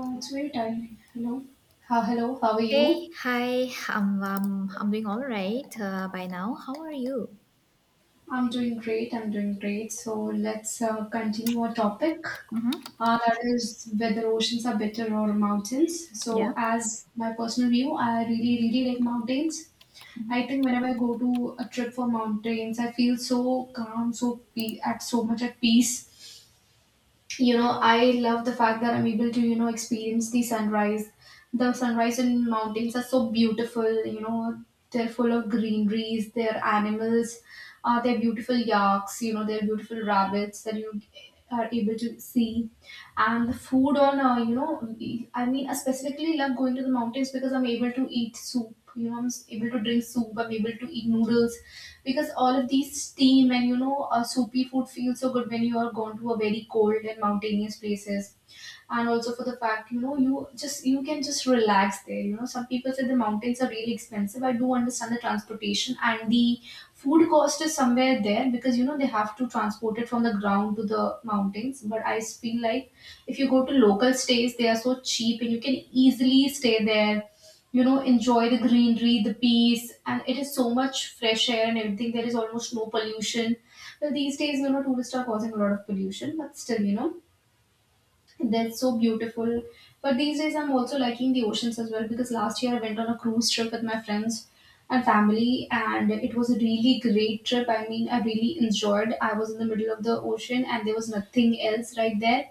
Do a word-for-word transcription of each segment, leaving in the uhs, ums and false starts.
Oh, it's very timely. Hello. Ha, hello, how are Hey, you? hi. I'm um, I'm doing all right uh, by now. How are you? I'm doing great. I'm doing great. So let's uh, continue our topic. Uh, that is whether oceans are better or mountains. Yeah. So, as my personal view, I really, really like mountains. I think whenever I go to a trip for mountains, I feel so calm, so pe- at so much at peace. You know, I love the fact that I'm able to you know experience the sunrise. The sunrise in mountains are so beautiful, you know. They're full of greeneries, they're animals. Uh, they're beautiful yaks, you know, they're beautiful rabbits that you are able to see. And the food on uh, you know I mean, I specifically love going to the mountains because I'm able to eat soup, you know, I'm able to drink soup, I'm able to eat noodles, because all of these steam and you know uh, soupy food feels so good when you are gone to a very cold and mountainous places. And also for the fact, you know, you just you can just relax there. You know, some people say the mountains are really expensive. I do understand the transportation and the food cost is somewhere there, because you know they have to transport it from the ground to the mountains, but I feel like if you go to local stays, they are so cheap and you can easily stay there, you know, enjoy the greenery, the peace, and it is so much fresh air and everything. There is almost no pollution. Well, these days, you know, tourists are causing a lot of pollution, but still, you know, that's so beautiful. But these days I'm also liking the oceans as well, because last year I went on a cruise trip with my friends and family, and it was a really great trip. I mean, I really enjoyed. I was in the middle of the ocean and there was nothing else right there,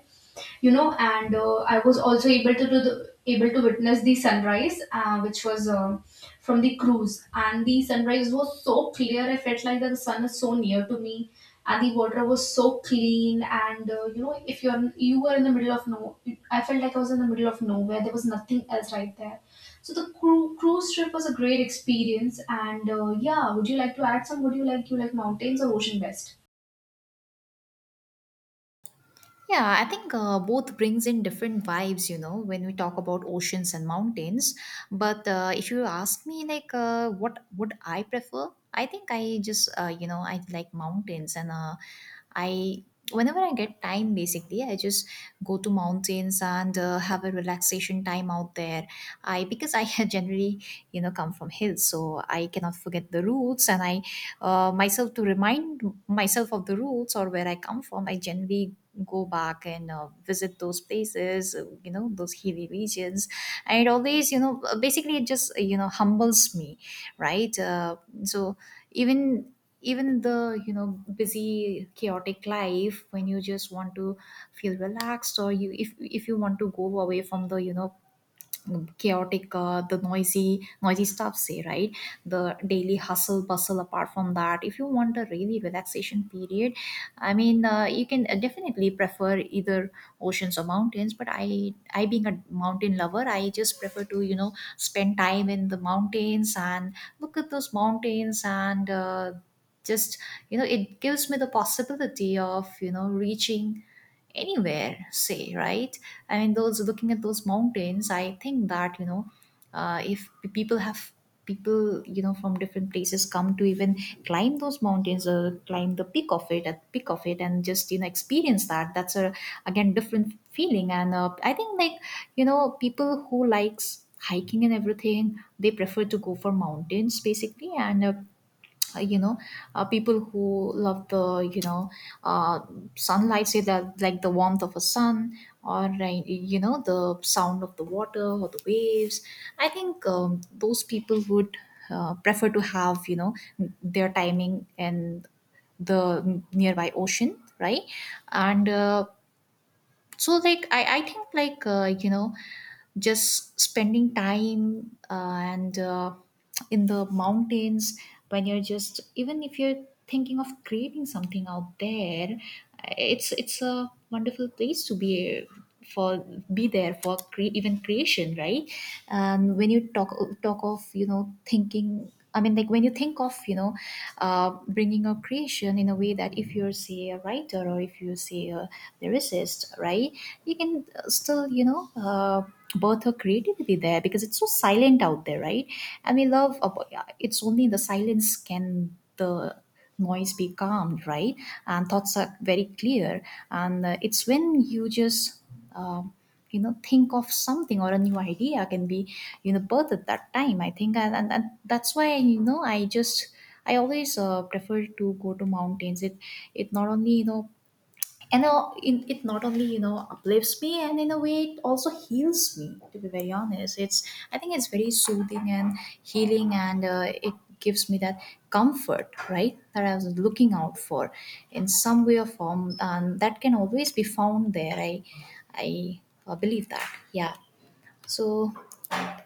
you know. And uh, I was also able to do the, able to witness the sunrise, uh, which was um from the cruise, and the sunrise was so clear. I felt like that the sun is so near to me, and the water was so clean. And uh, you know, if you're you were in the middle of no I felt like I was in the middle of nowhere. There was nothing else right there. So the cru- cruise trip was a great experience. And uh, yeah, would you like to add some, would you like, you like mountains or ocean best? Yeah, I think uh, both brings in different vibes, you know, when we talk about oceans and mountains. But uh, if you ask me, like, uh, what would I prefer? I think I just, uh, you know, I like mountains, and uh, I whenever I get time, basically, I just go to mountains and uh, have a relaxation time out there. I because I generally you know come from hills, so I cannot forget the roots, and I uh, myself to remind myself of the roots or where I come from. I generally go back and uh, visit those places uh, you know those hilly regions, and it always you know basically it just you know humbles me, right? uh, so even even in the you know busy chaotic life, when you just want to feel relaxed, or you if if you want to go away from the you know chaotic uh, the noisy noisy stuff, say, right? The daily hustle bustle, apart from that, if you want a really relaxation period, I mean, uh, you can uh, definitely prefer either oceans or mountains, but i i being a mountain lover, I just prefer to you know spend time in the mountains and look at those mountains, and uh, just you know it gives me the possibility of you know reaching anywhere, say, right? I mean those, looking at those mountains, I think that you know uh, if p- people have people you know from different places come to even climb those mountains or climb the peak of it at peak of it and just you know experience that, that's a again different feeling. And uh, I think like you know people who likes hiking and everything they prefer to go for mountains basically, and uh, uh, you know, uh, people who love the you know uh, sunlight, say that, like the warmth of a sun or uh, you know the sound of the water or the waves, I think um, those people would uh, prefer to have you know their timing in the nearby ocean, right? And uh, so like i, I think like uh, you know just spending time uh, and uh, in the mountains, when you're just, even if you're thinking of creating something out there, it's it's a wonderful place to be for, be there for cre- even creation, right? And when you talk talk of you know thinking, I mean, like when you think of, you know, uh, bringing a creation in a way that if you're, say, a writer or if you say a lyricist, right, you can uh, still, you know, uh, birth her creativity there because it's so silent out there, right? And we love, about, yeah, it's only in the silence can the noise be calmed, right? And thoughts are very clear. And uh, it's when you just um, you know think of something or a new idea can be you know birth at that time, I think. And, and, and that's why you know I just, I always uh, prefer to go to mountains. it it not only you know and uh, in, it not only you know uplifts me and in a way it also heals me, to be very honest. It's, I think it's very soothing and healing, and uh, it gives me that comfort, right, that I was looking out for in some way or form, and that can always be found there. I i uh, believe that. Yeah. So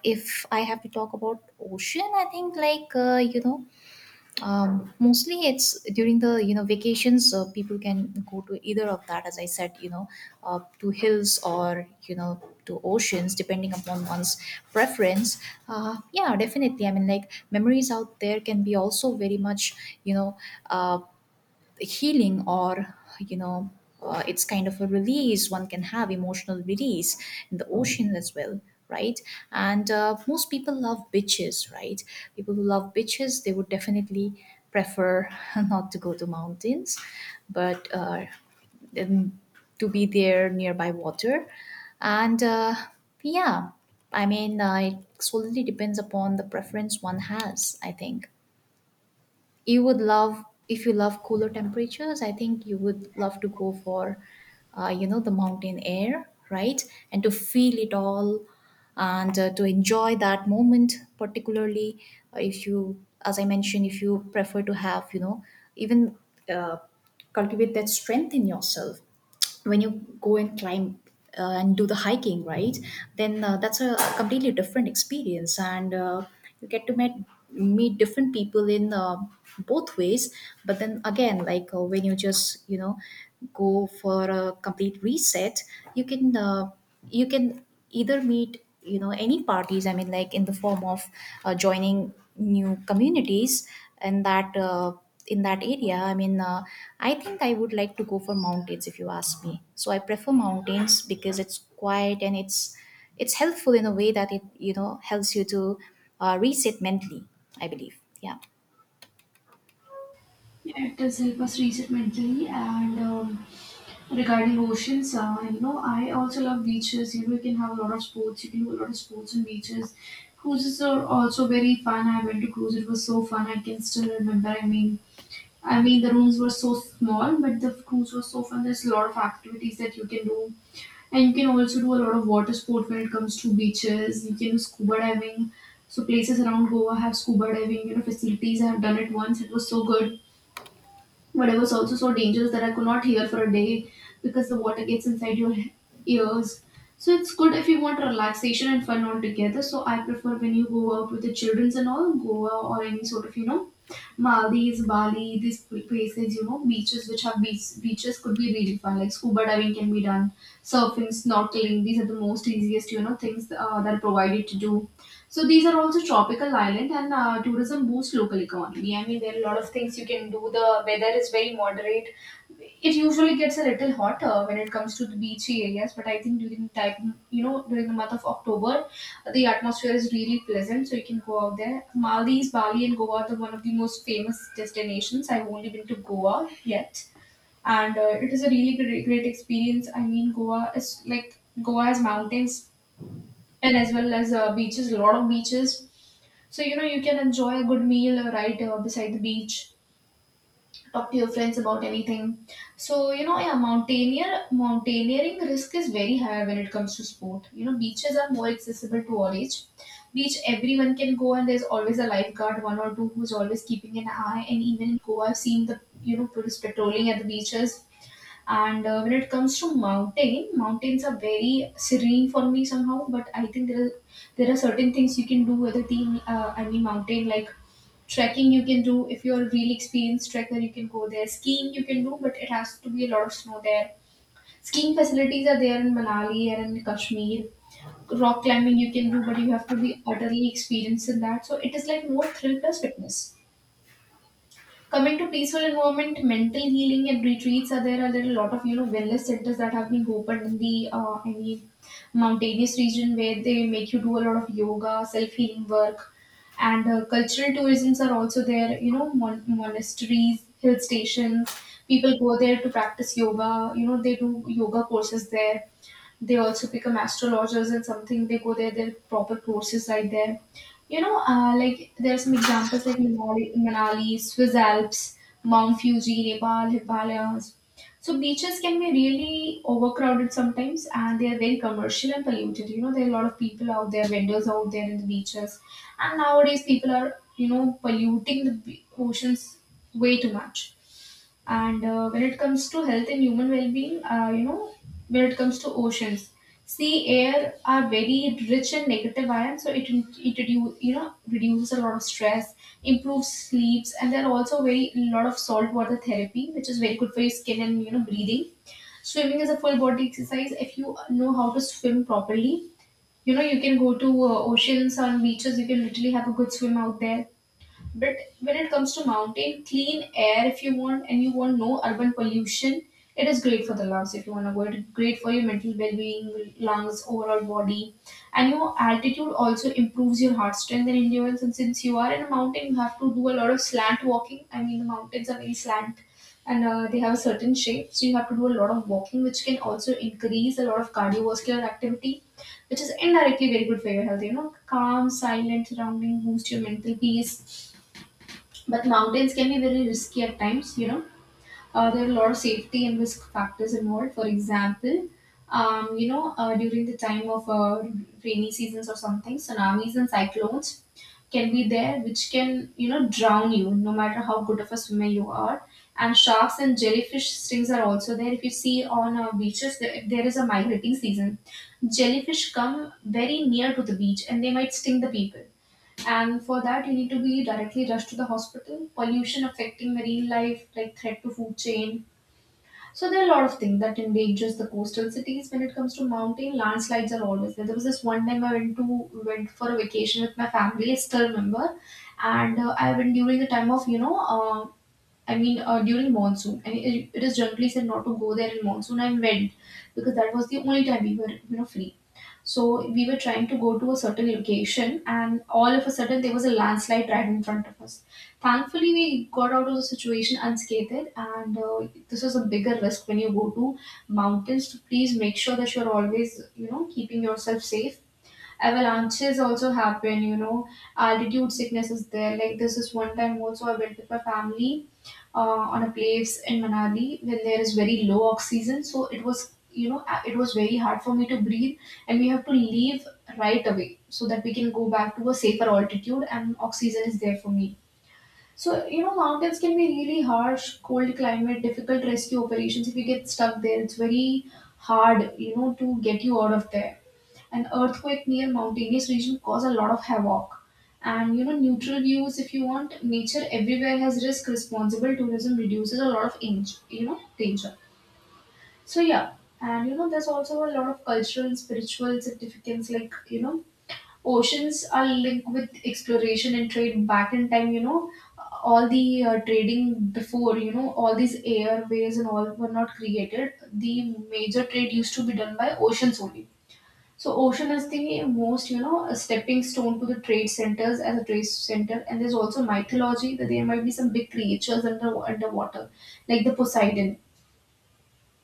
if I have to talk about ocean, I think like uh, you know um, mostly it's during the you know vacations, uh, people can go to either of that, as I said, you know, uh, to hills or you know to oceans, depending upon one's preference. Uh, yeah, definitely, I mean like memories out there can be also very much you know uh, healing or you know uh, it's kind of a release, one can have emotional release in the ocean as well, right? And uh, most people love beaches, right? People who love beaches they would definitely prefer not to go to mountains, but uh, um, to be there nearby water. And uh, Yeah, I mean, uh, it solely depends upon the preference one has, I think. You would love, if you love cooler temperatures, I think you would love to go for uh, you know the mountain air, right? And to feel it all, and uh, to enjoy that moment particularly. Uh, if you, as I mentioned, if you prefer to have you know even uh, cultivate that strength in yourself when you go and climb uh, and do the hiking, right? Then uh, that's a completely different experience, and uh, you get to meet meet different people in uh, both ways. But then again, like uh, when you just you know go for a complete reset, you can uh, you can either meet you know any parties. I mean, like in the form of uh, joining new communities, and that. Uh, in that area, I mean, uh, I think I would like to go for mountains. If you ask me, so I prefer mountains because it's quiet and it's it's helpful in a way that it you know helps you to uh, reset mentally, I believe. Yeah. Yeah, it does help us reset mentally. And um, regarding oceans, uh, you know, I also love beaches. You know, you can have a lot of sports. You can do a lot of sports on beaches. Cruises are also very fun. I went to cruise. It was so fun. I can still remember. I mean, I mean, the rooms were so small, but the cruise was so fun. There's a lot of activities that you can do. And you can also do a lot of water sport when it comes to beaches. You can do scuba diving. So places around Goa have scuba diving, you know, facilities. I have done it once. It was so good. But it was also so dangerous that I could not hear for a day because the water gets inside your he- ears. So it's good if you want relaxation and fun all together. So I prefer when you go out with the childrens and all, Goa or any sort of, you know, Maldives, Bali, these pl- places, you know, beaches which have beach, beaches could be really fun. Like scuba diving can be done, surfing, snorkeling. These are the most easiest, you know, things uh, that are provided to do. So these are also tropical island, and uh, tourism boosts local economy. I mean, there are a lot of things you can do. The weather is very moderate. It usually gets a little hotter when it comes to the beachy areas, but I think during time, you know, during the month of October, the atmosphere is really pleasant, so you can go out there. Maldives, Bali, and Goa are one of the most famous destinations. I've only been to Goa yet, and uh, it is a really great, great experience. I mean, Goa is like, Goa has mountains and as well as uh, beaches, a lot of beaches. So you know, you can enjoy a good meal, uh, right uh, beside the beach. Talk to your friends about anything. So you know, yeah, mountaineer mountaineering risk is very high when it comes to sport. You know, beaches are more accessible to all age. Beach everyone can go, and there's always a lifeguard, one or two, who's always keeping an eye. And even in Goa, I've seen the you know police patrolling at the beaches. And uh, when it comes to mountain, mountains are very serene for me somehow. But I think there are, there are certain things you can do with a team. Uh, I mean, mountain like trekking you can do. If you're a really experienced trekker, you can go there. Skiing you can do, but it has to be a lot of snow there. Skiing facilities are there in Manali and in Kashmir. Rock climbing you can do, but you have to be utterly experienced in that. So it is like more thrill plus fitness. Coming to peaceful environment, mental healing and retreats are there. Are there a lot of you know wellness centers that have been opened in the uh, I mean mountainous region, where they make you do a lot of yoga, self healing work, and uh, cultural tourisms are also there. You know, mon- monasteries, hill stations. People go there to practice yoga. You know, they do yoga courses there. They also become astrologers, and something they go there, their proper courses right there. You know, uh, like there are some examples like manali, manali Swiss Alps, Mount Fuji, Nepal, Himalayas. So beaches can be really overcrowded sometimes, and they are very commercial and polluted. You know, there are a lot of people out there, vendors out there in the beaches, and nowadays people are you know polluting the be- oceans way too much. And uh, when it comes to health and human well-being, uh, you know, when it comes to oceans, sea air are very rich in negative ions, so it it reduce, you know, reduces a lot of stress, improves sleeps, and there are also very lot of salt water therapy, which is very good for your skin and you know breathing. Swimming is a full body exercise. If you know how to swim properly, you know you can go to uh, oceans on beaches. You can literally have a good swim out there. But when it comes to mountain, clean air if you want, and you want no urban pollution, it is great for the lungs if you want to go. It is great for your mental well-being, lungs, overall body. And your altitude also improves your heart strength and endurance. And since you are in a mountain, you have to do a lot of slant walking. I mean, the mountains are very slant, and uh, they have a certain shape. So you have to do a lot of walking, which can also increase a lot of cardiovascular activity, which is indirectly very good for your health. You know, calm, silent surrounding boost your mental peace, but mountains can be very risky at times, you know. Uh, there are a lot of safety and risk factors involved. For example, um, you know, uh, during the time of uh, rainy seasons or something, tsunamis and cyclones can be there, which can, you know, drown you no matter how good of a swimmer you are. And sharks and jellyfish stings are also there. If you see on uh, beaches, there, there is a migrating season. Jellyfish come very near to the beach and they might sting the people, and for that, you need to be directly rushed to the hospital. Pollution affecting marine life, like threat to food chain. So there are a lot of things that endangers the coastal cities. When it comes to mountain, landslides are always there. There was this one time I went to went for a vacation with my family. I still remember, and uh, I went during the time of you know. Uh, I mean, uh, during monsoon, and it, it is generally said not to go there in monsoon. I went because that was the only time we were, you know, free. So we were trying to go to a certain location, and all of a sudden there was a landslide right in front of us. Thankfully, we got out of the situation unscathed, and uh, this is a bigger risk when you go to mountains. So please make sure that you're always, you know, keeping yourself safe. Avalanches also happen, you know, altitude sickness is there. Like this is one time also I went with my family uh, on a place in Manali when there is very low oxygen. So it was, you know, a- it was very hard for me to breathe, and we have to leave right away so that we can go back to a safer altitude and oxygen is there for me. So, you know, mountains can be really harsh, cold climate, difficult rescue operations. If you get stuck there, it's very hard, you know, to get you out of there. An earthquake near mountainous region cause a lot of havoc, and you know, neutral views. If you want nature, everywhere has risk. Responsible tourism reduces a lot of inj- you know danger. So yeah, and you know, there's also a lot of cultural and spiritual significance. Like, you know, oceans are linked with exploration and trade back in time. You know, all the uh, trading before, you know, all these airways and all were not created, the major trade used to be done by oceans only. So ocean is the most, you know, a stepping stone to the trade centers, as a trade center. And there's also mythology that there might be some big creatures under underwater, like the Poseidon.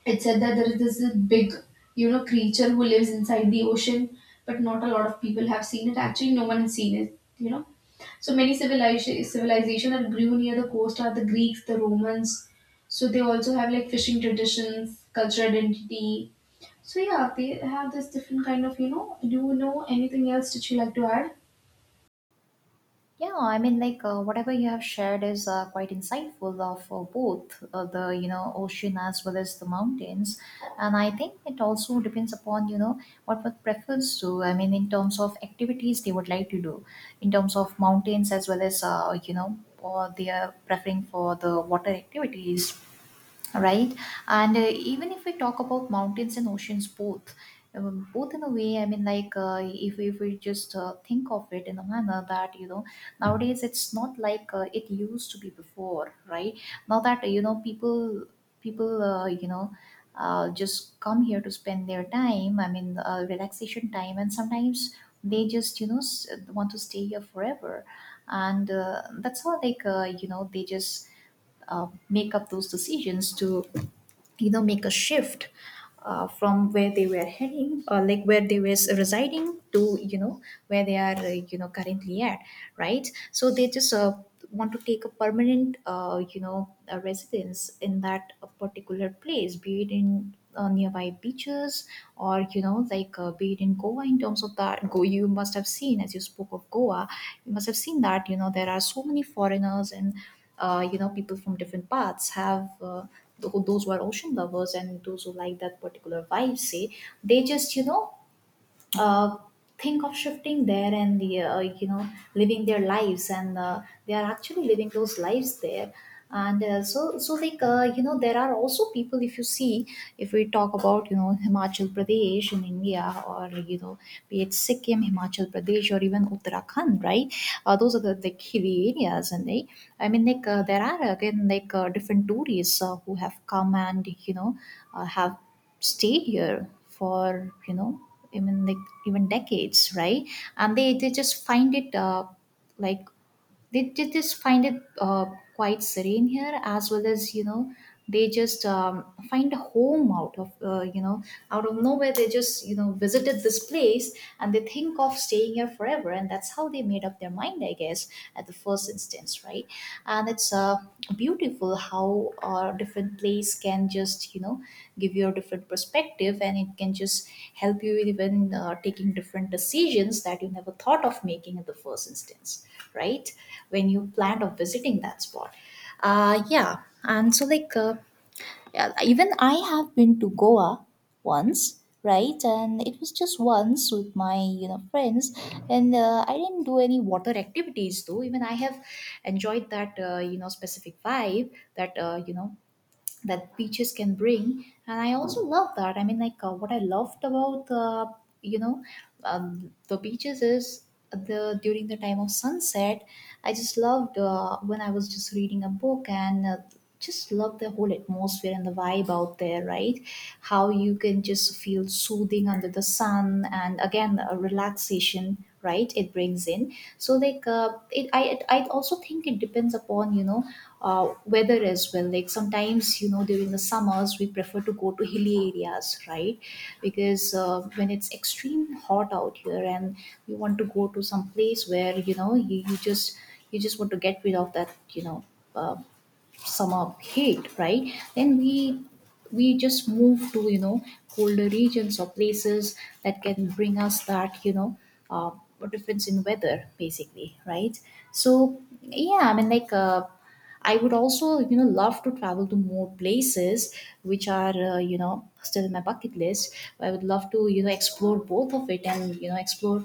It said that there is this big, you know, creature who lives inside the ocean, but not a lot of people have seen it. Actually, no one has seen it, you know. So many civilization civilization that grew near the coast are the Greeks, the Romans. So they also have like fishing traditions, cultural identity. So yeah, they have this different kind of, you know. Do you know anything else that you like to add? Yeah, I mean, like uh, whatever you have shared is uh, quite insightful of uh, for both uh, the you know ocean as well as the mountains, and I think it also depends upon you know what one prefers to. I mean, in terms of activities they would like to do, in terms of mountains as well as uh, you know, or they are preferring for the water activities, right? And uh, even if we talk about mountains and oceans both, um, both in a way, I mean like uh, if, if we just uh, think of it in a manner that you know nowadays it's not like uh, it used to be before, right? Now that you know people people uh, you know uh, just come here to spend their time, I mean, uh, relaxation time, and sometimes they just you know s- want to stay here forever, and uh, that's how like uh, you know they just uh, make up those decisions to you know make a shift uh, from where they were heading or like where they were residing to you know where they are uh, you know currently at, right? So they just uh, want to take a permanent uh, you know a residence in that uh, particular place, be it in uh, nearby beaches, or you know like uh, be it in Goa. In terms of that, go you must have seen, as you spoke of Goa, you must have seen that you know there are so many foreigners and uh, you know people from different paths have uh, tho- those who are ocean lovers and those who like that particular vibe, say, they just you know uh, think of shifting there and uh, you know living their lives, and uh, they are actually living those lives there. And uh, so so like uh, you know, there are also people, if you see, if we talk about you know Himachal Pradesh in India, or you know, be it Sikkim, Himachal Pradesh, or even Uttarakhand, right? Uh, those are the, the hilly areas, and they, I mean like uh, there are again like uh, different tourists uh, who have come and you know uh, have stayed here for you know even like even decades, right? And they they just find it uh, like they, they just find it uh, quite serene here as well as you know they just um, find a home out of uh, you know, out of nowhere they just you know visited this place and they think of staying here forever, and that's how they made up their mind, I guess, at the first instance, right? And it's uh, um beautiful how a different place can just you know give you a different perspective, and it can just help you with even uh, taking different decisions that you never thought of making in the first instance, right, when you planned of visiting that spot. Uh yeah. And so like uh, yeah, even I have been to Goa once, right? And it was just once with my, you know, friends, and uh, I didn't do any water activities though. Even I have enjoyed that, uh, you know, specific vibe that, uh, you know, that beaches can bring. And I also love that. I mean, like, uh, what I loved about, uh, you know um, the beaches is the during the time of sunset. I just loved, uh, when I was just reading a book, and uh, just love the whole atmosphere and the vibe out there, right. How you can just feel soothing under the sun, and again, uh, relaxation, right, it brings in. So like, uh, it i it, i also think it depends upon, you know uh, weather as well. Like sometimes, you know during the summers we prefer to go to hilly areas, right. Because, uh, when it's extreme hot out here and you want to go to some place where you know you, you just you just want to get rid of that, you know uh, some of heat, right. Then we we just move to, you know colder regions or places that can bring us that, you know uh, difference in weather, basically, right. So yeah, I mean, like, uh, I would also, you know love to travel to more places which are, uh, you know still in my bucket list. I would love to, you know explore both of it, and, you know explore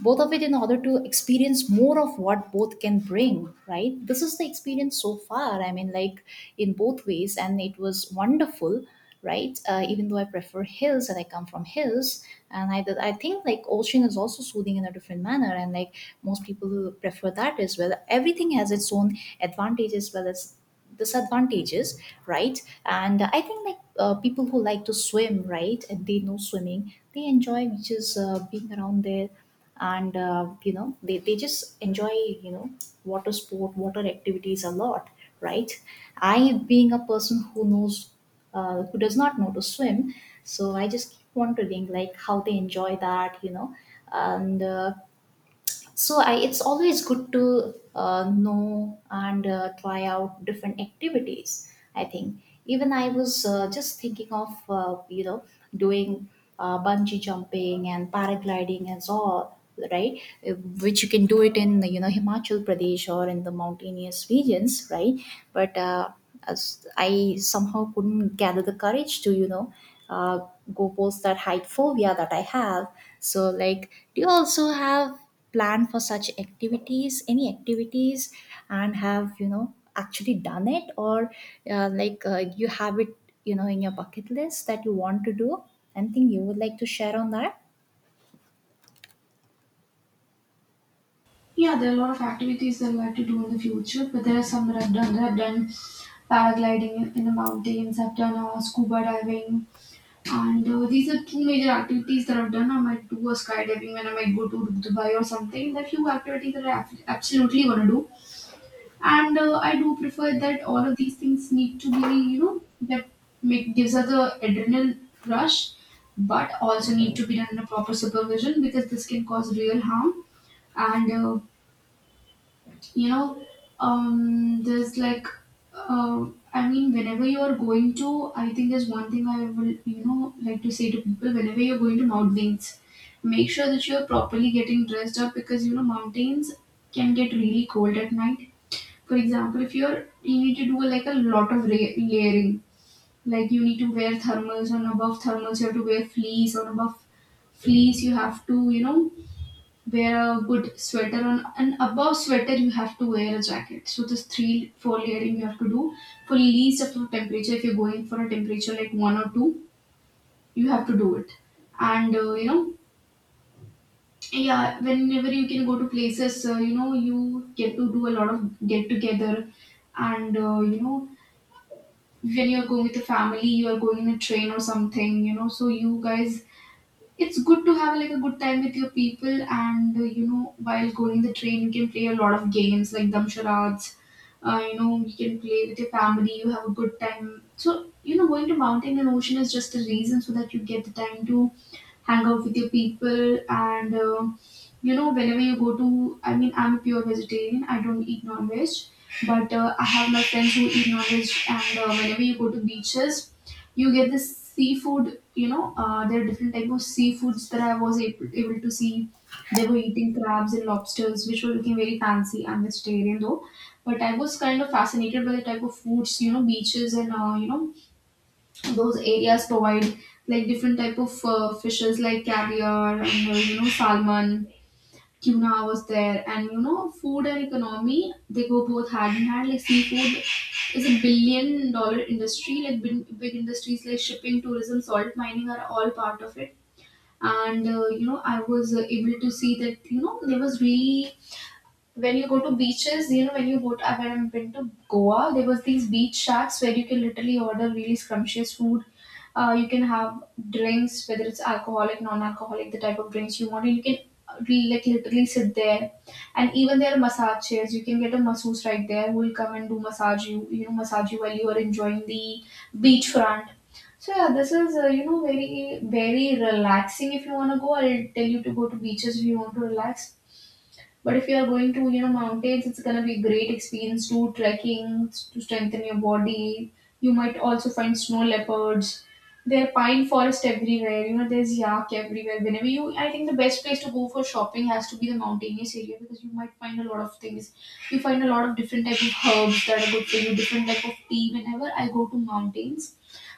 both of it in order to experience more of what both can bring, right. This is the experience so far. I mean, like, in both ways, and it was wonderful, right. Uh, even though I prefer hills and I come from hills, and I, I think like ocean is also soothing in a different manner. And like most people prefer that as well. Everything has its own advantages as well as disadvantages, right. And I think, like, uh, people who like to swim, right, and they know swimming, they enjoy which is, uh, being around there. And, uh, you know they, they just enjoy, you know water sport, water activities a lot, right. I, being a person who knows, uh, who does not know to swim, so I just keep wondering like how they enjoy that, you know and uh, so I, it's always good to uh, know and uh, try out different activities. I think even I was, uh, just thinking of, uh, you know doing uh, bungee jumping and paragliding and all, right. Uh, which you can do it in, you know Himachal Pradesh or in the mountainous regions, right. But, uh, as I somehow couldn't gather the courage to, you know uh, go post that height phobia that I have. So like, do you also have plan for such activities, any activities, and have, you know actually done it? Or uh, like uh, you have it, you know in your bucket list that you want to do? Anything you would like to share on that? Yeah, there are a lot of activities that I like to do in the future, but there are some that I've done. That I've done paragliding in, in the mountains, I've done uh, scuba diving, and uh, these are two major activities that I've done. I might do a skydiving when I might go to Dubai or something. There are few activities that I ab- absolutely want to do, and uh, I do prefer that all of these things need to be, you know, that make gives us the adrenaline rush, but also need to be done in a proper supervision because this can cause real harm. And uh, you know um there's like uh, I mean, whenever you're going to, I think there's one thing I will, you know, like to say to people. Whenever you're going to mountains, make sure that you're properly getting dressed up, because you know mountains can get really cold at night. For example, if you're, you need to do like a lot of ra- layering. Like, you need to wear thermals, and above thermals you have to wear fleece, on above fleece you have to, you know, wear a good sweater, on and above sweater you have to wear a jacket. So this three four layering you have to do, for least of the temperature. If you're going for a temperature like one or two, you have to do it. And uh, you know, yeah, whenever you can go to places, uh, you know, you get to do a lot of get together. And uh, you know, when you're going with the family, you are going in a train or something, you know, so you guys, it's good to have like a good time with your people. And uh, you know, while going the train, you can play a lot of games like damsharats. Uh, you know, you can play with your family, you have a good time. So you know, going to mountain and ocean is just a reason so that you get the time to hang out with your people. And uh, you know, whenever you go to, I mean, I'm a pure vegetarian, I don't eat non-veg, but uh, I have my friends who eat non-veg. And uh, whenever you go to beaches, you get this seafood. You know, uh, there are different type of seafoods that I was able, able to see. They were eating crabs and lobsters, which were looking very fancy. I'm vegetarian though, but I was kind of fascinated by the type of foods, you know, beaches and, uh, you know, those areas provide. Like different type of uh, fishes, like caviar, and uh, you know, salmon, tuna was there. And you know, food and economy, they go both hand in hand. Like seafood is a billion dollar industry. Like big, big industries like shipping, tourism, salt mining are all part of it. And uh, you know, I was uh, able to see that, you know, there was really, when you go to beaches, you know, when you go to, when I've been to Goa, there was these beach shacks where you can literally order really scrumptious food. Uh, you can have drinks, whether it's alcoholic, non-alcoholic, the type of drinks you want. And you can uh, re- like literally sit there, and even there are massage chairs. You can get a masseuse right there who will come and do massage you. You know, massage you while you are enjoying the beachfront. So yeah, this is uh, you know, very very relaxing if you want to go. I'll tell you to go to beaches if you want to relax. But if you are going to, you know, mountains, it's gonna be a great experience to trekking, to strengthen your body. You might also find snow leopards. There are pine forest everywhere. You know, there's yak everywhere. Whenever you, I think the best place to go for shopping has to be the mountainous area, because you might find a lot of things. You find a lot of different type of herbs that are good for you. Different type of tea. Whenever I go to mountains,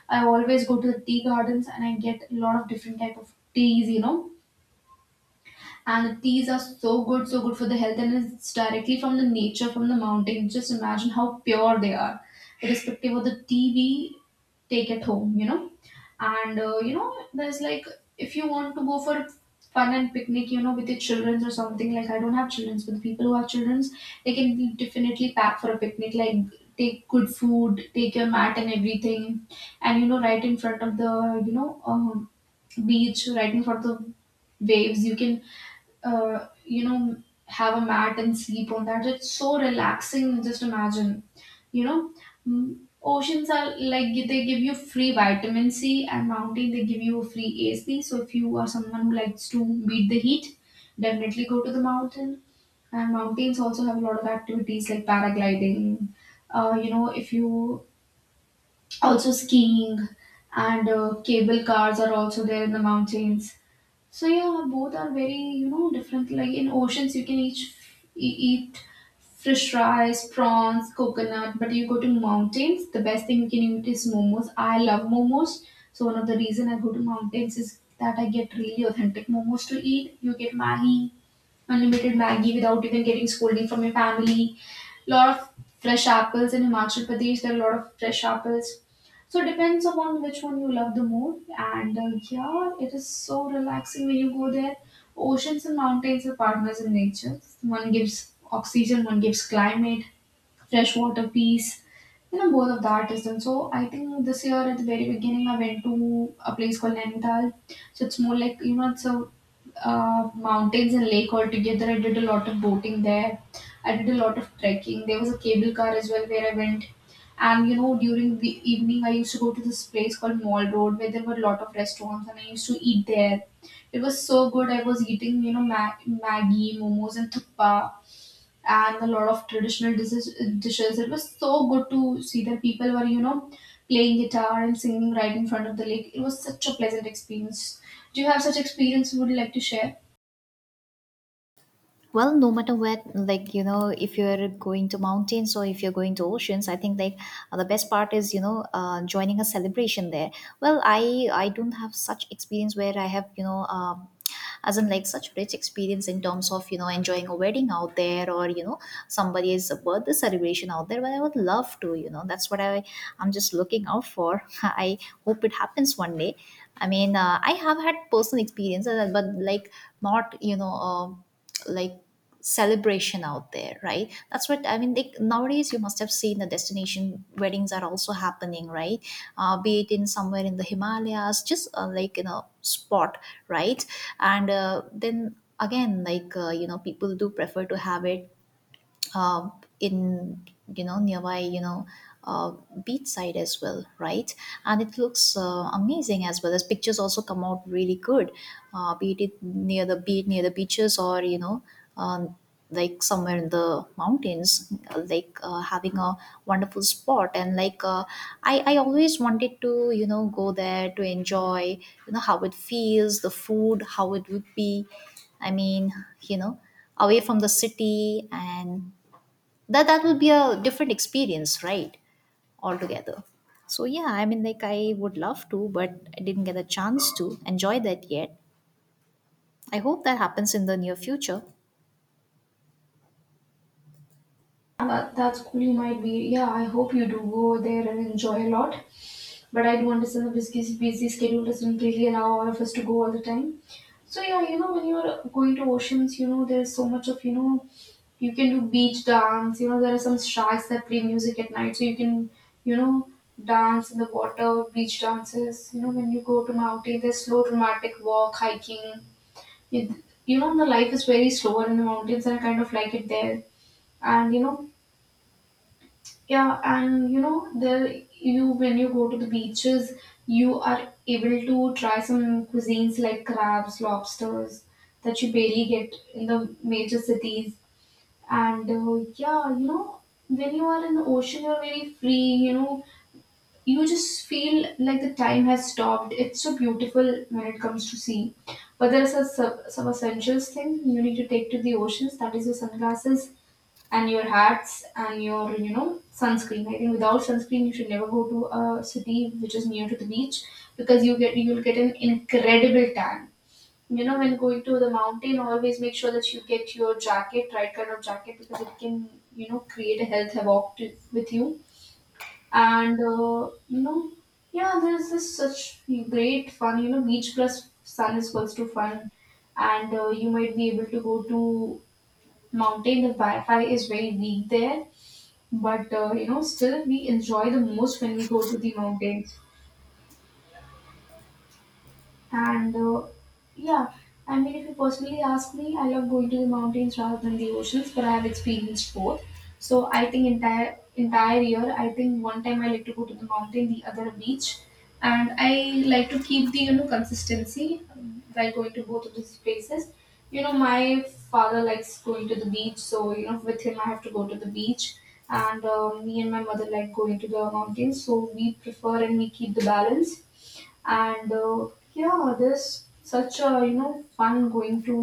I always go to the tea gardens and I get a lot of different type of teas. You know, and teas are so good, so good for the health, and it's directly from the nature, from the mountain. Just imagine how pure they are, irrespective of the tea we take at home, you know. And uh, you know, there's like, if you want to go for fun and picnic, you know, with your childrens or something. Like, I don't have childrens, but the people who have childrens, they can definitely pack for a picnic. Like take good food, take your mat and everything, and you know, right in front of the, you know, um, beach, right in front of the waves. You can uh, you know, have a mat and sleep on that. It's so relaxing. Just imagine, you know, Mm, oceans are like they give you free vitamin C, and mountain they give you a free A C. So if you are someone who likes to beat the heat, definitely go to the mountain. And mountains also have a lot of activities like paragliding. Uh, you know, if you, also skiing, and uh, cable cars are also there in the mountains. So yeah, both are very, you know, different. Like in oceans, you can each e- eat fish rice, prawns, coconut. But you go to mountains, the best thing you can eat is momos. I love momos. So one of the reason I go to mountains is that I get really authentic momos to eat. You get Maggi, unlimited Maggie without even getting scolding from your family. Lot of fresh apples in Himachal Pradesh. There are a lot of fresh apples. So it depends upon which one you love the more. And uh, yeah, it is so relaxing when you go there. Oceans and mountains are partners in nature. One gives oxygen, one gives climate, fresh water, peace. You know, both of that is done. So I think this year at the very beginning, I went to a place called Nainital. So it's more like, you know, it's a uh, mountains and lake all together. I did a lot of boating there. I did a lot of trekking. There was a cable car as well where I went. And you know, during the evening, I used to go to this place called Mall Road where there were a lot of restaurants and I used to eat there. It was so good. I was eating, you know, ma- Maggie, momos, and thuppa and a lot of traditional dishes, dishes. It was so good to see that people were, you know, playing guitar and singing right in front of the lake. It was such a pleasant experience. Do you have such experience you would like to share? Well, no matter where, like, you know if you're going to mountains or if you're going to oceans, I think, like, uh, the best part is, you know uh, joining a celebration there. Well, i i don't have such experience where I have, you know um, as in like such rich experience in terms of, you know enjoying a wedding out there, or, you know somebody's birthday celebration out there. But I would love to, you know that's what i I'm just looking out for I hope it happens one day. I mean, uh, I have had personal experiences, uh, but, like, not, you know uh, like celebration out there, right. That's what I mean. Like, nowadays you must have seen the destination weddings are also happening, right. Uh, be it in somewhere in the Himalayas, just, uh, like in a spot, right. And, uh, then again, like, uh, you know people do prefer to have it, uh, in, you know nearby, you know uh, beach side as well, right. And it looks, uh, amazing, as well as pictures also come out really good. uh, be it near the be it near the beaches, or, you know um, like somewhere in the mountains, like, uh, having a wonderful spot. And like, uh, i i always wanted to, you know go there to enjoy, you know how it feels, the food, how it would be. I mean, you know away from the city, and that that would be a different experience, right, altogether. So yeah, I mean, like, I would love to, but I didn't get a chance to enjoy that yet. I hope that happens in the near future. Uh, That, that's cool. You might be. Yeah, I hope you do go there and enjoy a lot. But I do understand the busy, busy schedule doesn't really allow all of us to go all the time. So yeah, you know when you're going to oceans, you know there's so much of you know you can do beach dance. You know there are some sharks that play music at night, so you can you know dance in the water, beach dances. You know when you go to mountain, there's slow dramatic walk, hiking. it, you know the life is very slower in the mountains, and I kind of like it there. And you know Yeah, and you know there you when you go to the beaches, you are able to try some cuisines like crabs, lobsters, that you barely get in the major cities. And uh, Yeah, you know when you are in the ocean, you're very free. You know you just feel like the time has stopped. It's so beautiful when it comes to sea. But there's a, some some essentials thing you need to take to the oceans. That is your sunglasses, and your hats, and your, you know, sunscreen. I think without sunscreen, you should never go to a city which is near to the beach, because you get you will get an incredible tan. You know, when going to the mountain, always make sure that you get your jacket, right kind of jacket, because it can, you know, create a health havoc to, with you. And uh, you know Yeah, there's this such great fun. You know beach plus sun is equals to fun. And uh, You might be able to go to mountain. The wi-fi is very weak there, but uh, you know still we enjoy the most when we go to the mountains. And uh, Yeah, I mean, if you personally ask me, I love going to the mountains rather than the oceans, but I have experienced both. So I think entire entire year, I think one time I like to go to the mountain, the other a beach, and I like to keep the you know consistency um, while going to both of these places. You know, my father likes going to the beach, so you know, with him I have to go to the beach, and uh, me and my mother like going to the mountains. So we prefer and we keep the balance. And uh, Yeah, this such a you know fun going to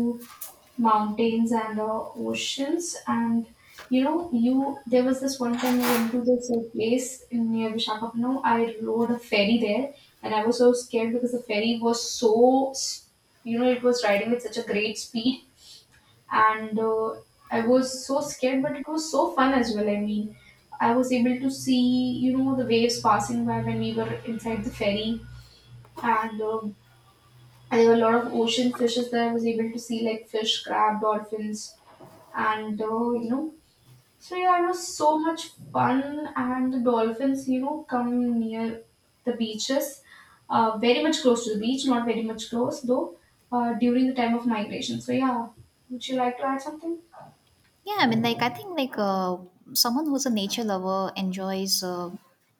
mountains and uh, oceans. And you know you There was this one time I went to this uh, place in near Visakhapatnam. I rode a ferry there, and I was so scared because the ferry was so s- you know it was riding with such a great speed. And uh, I was so scared, but it was so fun as well. I mean, I was able to see you know the waves passing by when we were inside the ferry. and uh, and There were a lot of ocean fishes that I was able to see, like fish, crab, dolphins, and uh, you know, so yeah, it was so much fun. And the dolphins, you know, come near the beaches, uh, very much close to the beach, not very much close though, uh, during the time of migration. So yeah, would you like to add something? Yeah, I mean, like, I think, like, uh, someone who's a nature lover enjoys, uh,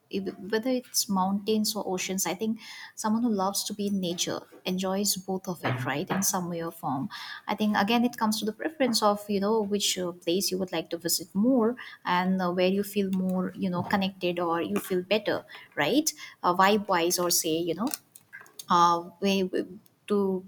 if- whether it's mountains or oceans. I think someone who loves to be in nature enjoys both of it, right, in some way or form. I think again, it comes to the preference of, you know which, uh, place you would like to visit more, and, uh, where you feel more, you know connected, or you feel better, right, uh, vibe wise. Or say, you know uh, way w- to,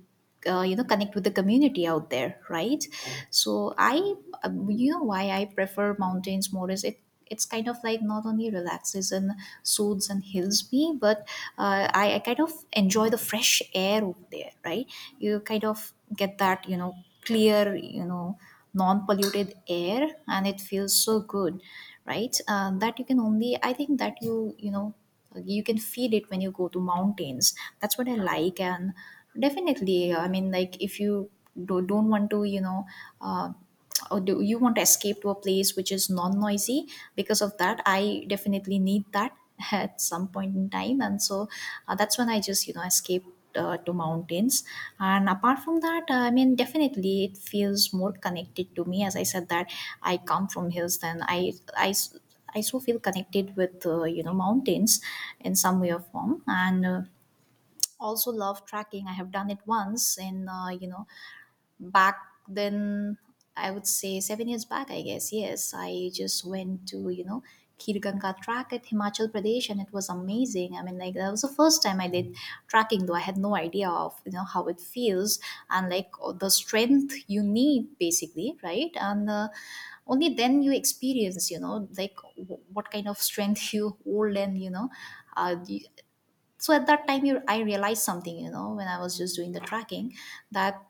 uh, you know connect with the community out there, right. So I, uh, you know why I prefer mountains more is it it's kind of like not only relaxes and soothes and heals me, but, uh, I, I kind of enjoy the fresh air over there, right. You kind of get that, you know clear, you know non-polluted air, and it feels so good, right. Um, that you can only, I think that you you know you can feel it when you go to mountains. That's what I like. And definitely, I mean, like, if you do, don't want to, you know uh, or do you want to escape to a place which is non-noisy, because of that I definitely need that at some point in time. And so, uh, that's when I just, you know escape, uh, to mountains. And apart from that, I mean, definitely it feels more connected to me, as I said that I come from hills. Then i i s- I so feel connected with, uh, you know mountains in some way or form. And, uh, also love trekking. I have done it once in, uh, you know back then, I would say seven years back, I guess. Yes, I just went to, you know Kirganga Track at Himachal Pradesh, and it was amazing. I mean, like, that was the first time I did tracking, though I had no idea of, you know how it feels, and like the strength you need basically, right. And, uh, only then you experience, you know like w- what kind of strength you hold. And, you know uh, you- so at that time you, I realized something, you know when I was just doing the tracking, that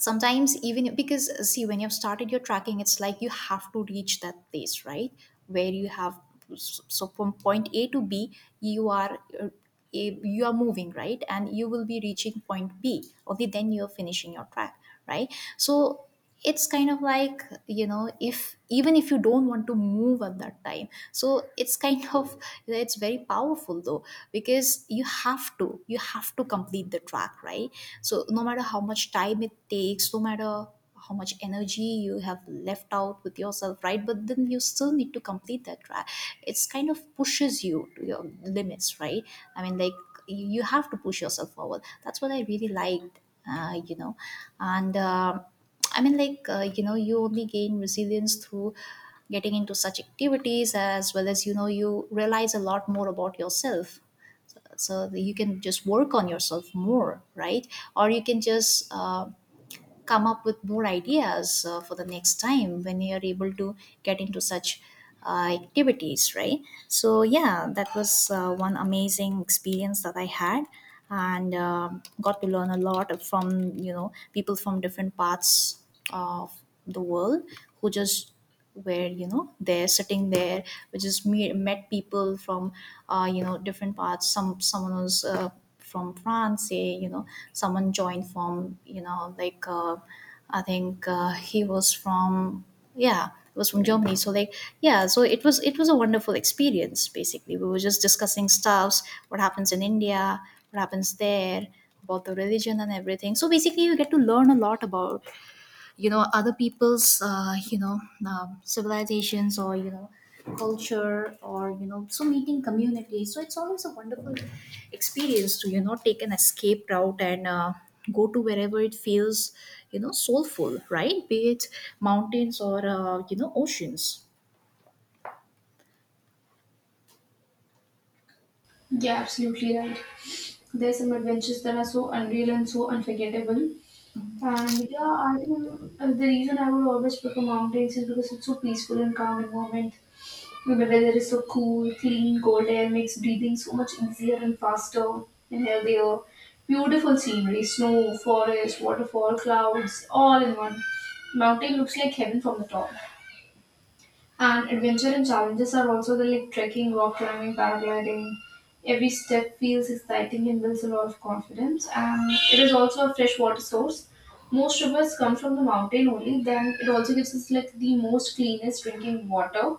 sometimes even, because see, when you've started your tracking, it's like you have to reach that place, right, where you have. So from point A to B, you are, uh, a- you are moving, right, and you will be reaching point B, only then you're finishing your track, right. So it's kind of like, you know if even if you don't want to move at that time, so it's kind of, it's very powerful though, because you have to you have to complete the track, right. So no matter how much time it takes, no matter how much energy you have left out with yourself, right, but then you still need to complete that track. It's kind of pushes you to your limits, right. I mean, like, you you have to push yourself forward. That's what I really liked, uh, you know and um I mean, like, uh, you know, you only gain resilience through getting into such activities, as well as, you know, you realize a lot more about yourself. So that you can just work on yourself more, right? Or you can just, uh, come up with more ideas, uh, for the next time when you're able to get into such, uh, activities, right? So yeah, that was, uh, one amazing experience that I had, and um got to learn a lot from, you know, people from different parts of the world who just, where, you know they're sitting there. We just meet, met people from, uh, you know different parts. Some someone was, uh, from France, say, you know someone joined from, you know like uh, I think, uh, he was from, yeah, it was from Germany. So like, yeah, so it was it was a wonderful experience. Basically, we were just discussing stuffs, what happens in India, what happens there, about the religion and everything. So basically, you get to learn a lot about, you know other people's, uh, you know um, civilizations, or, you know culture, or, you know so meeting communities. So it's always a wonderful experience to, you know take an escape route, and, uh, go to wherever it feels, you know soulful, right, be it mountains or, uh, you know oceans. Yeah, absolutely right. There's some adventures that are so unreal and so unforgettable. And yeah, I think uh, the reason I would always prefer mountains is because it's so peaceful and calm environment. The weather is so cool, clean, cold air makes breathing so much easier and faster and healthier. Beautiful scenery, snow, forest, waterfall, clouds, all in one. Mountain looks like heaven from the top. And adventure and challenges are also there, like trekking, rock climbing, paragliding. Every step feels exciting and builds a lot of confidence. And it is also a freshwater source. Most rivers come from the mountain only. Then it also gives us like the most cleanest drinking water.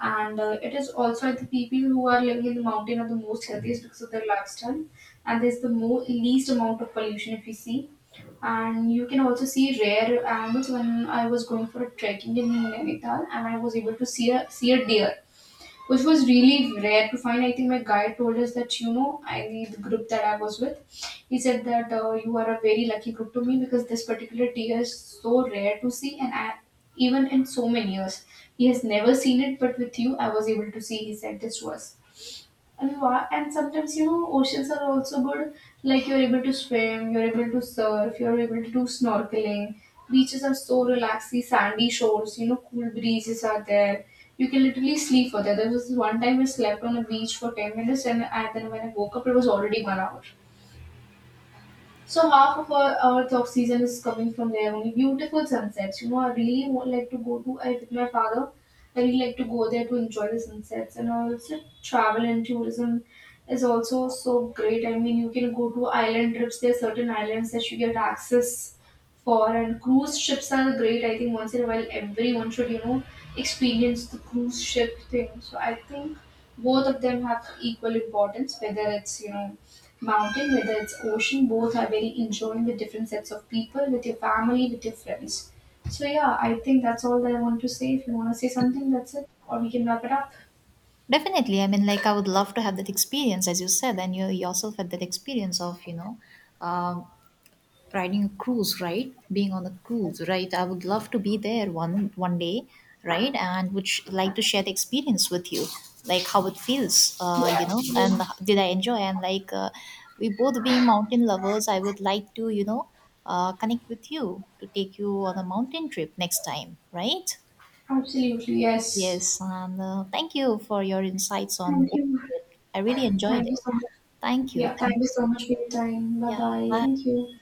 And uh, It is also like, the people who are living in the mountain are the most healthiest because of their lifestyle. And there's the mo- least amount of pollution if you see, and you can also see rare animals. When I was going for a trekking in Nainital, and I was able to see a see a deer, which was really rare to find. I think my guide told us that, you know, I the group that I was with, he said that uh, you are a very lucky group to me, because this particular deer is so rare to see, and I, even in so many years, he has never seen it. But with you, I was able to see. He said this was a lot. And sometimes you know oceans are also good. Like, you're able to swim, you're able to surf, you're able to do snorkeling. Beaches are so relaxing, sandy shores, you know cool breezes are there. You can literally sleep for that. There was this one time I slept on a beach for 10 minutes, and, and then when I woke up it was already one hour. So half of our, our talk season is coming from there only. Beautiful sunsets. You know, I really would like to go to I with my father. I really like to go there to enjoy the sunsets. And also travel and tourism is also so great. I mean, you can go to island trips. There are certain islands that you get access for, and cruise ships are great. I think once in a while everyone should, you know, experience the cruise ship thing. So I think both of them have equal importance, whether it's, you know, mountain, whether it's ocean, both are very enjoying with different sets of people, with your family, with your friends. So yeah, I think that's all that I want to say. If you want to say something, that's it, or we can wrap it up. Definitely. I mean, like, I would love to have that experience, as you said, and you yourself had that experience of, you know, um riding a cruise, right? Being on a cruise, right? I would love to be there one one day, right? And would sh- like to share the experience with you, like how it feels, uh, you Yeah, know, and h- yes. did I enjoy? And like, uh, we both being mountain lovers, I would like to, you know, uh, connect with you to take you on a mountain trip next time, right? Absolutely, yes. Yes, and, uh, thank you for your insights on Thank both you. of it. I really enjoyed Thank you it. so much. Thank you. Yeah, thank Thank. you so much for your time. Bye Yeah. bye. Bye. Thank you.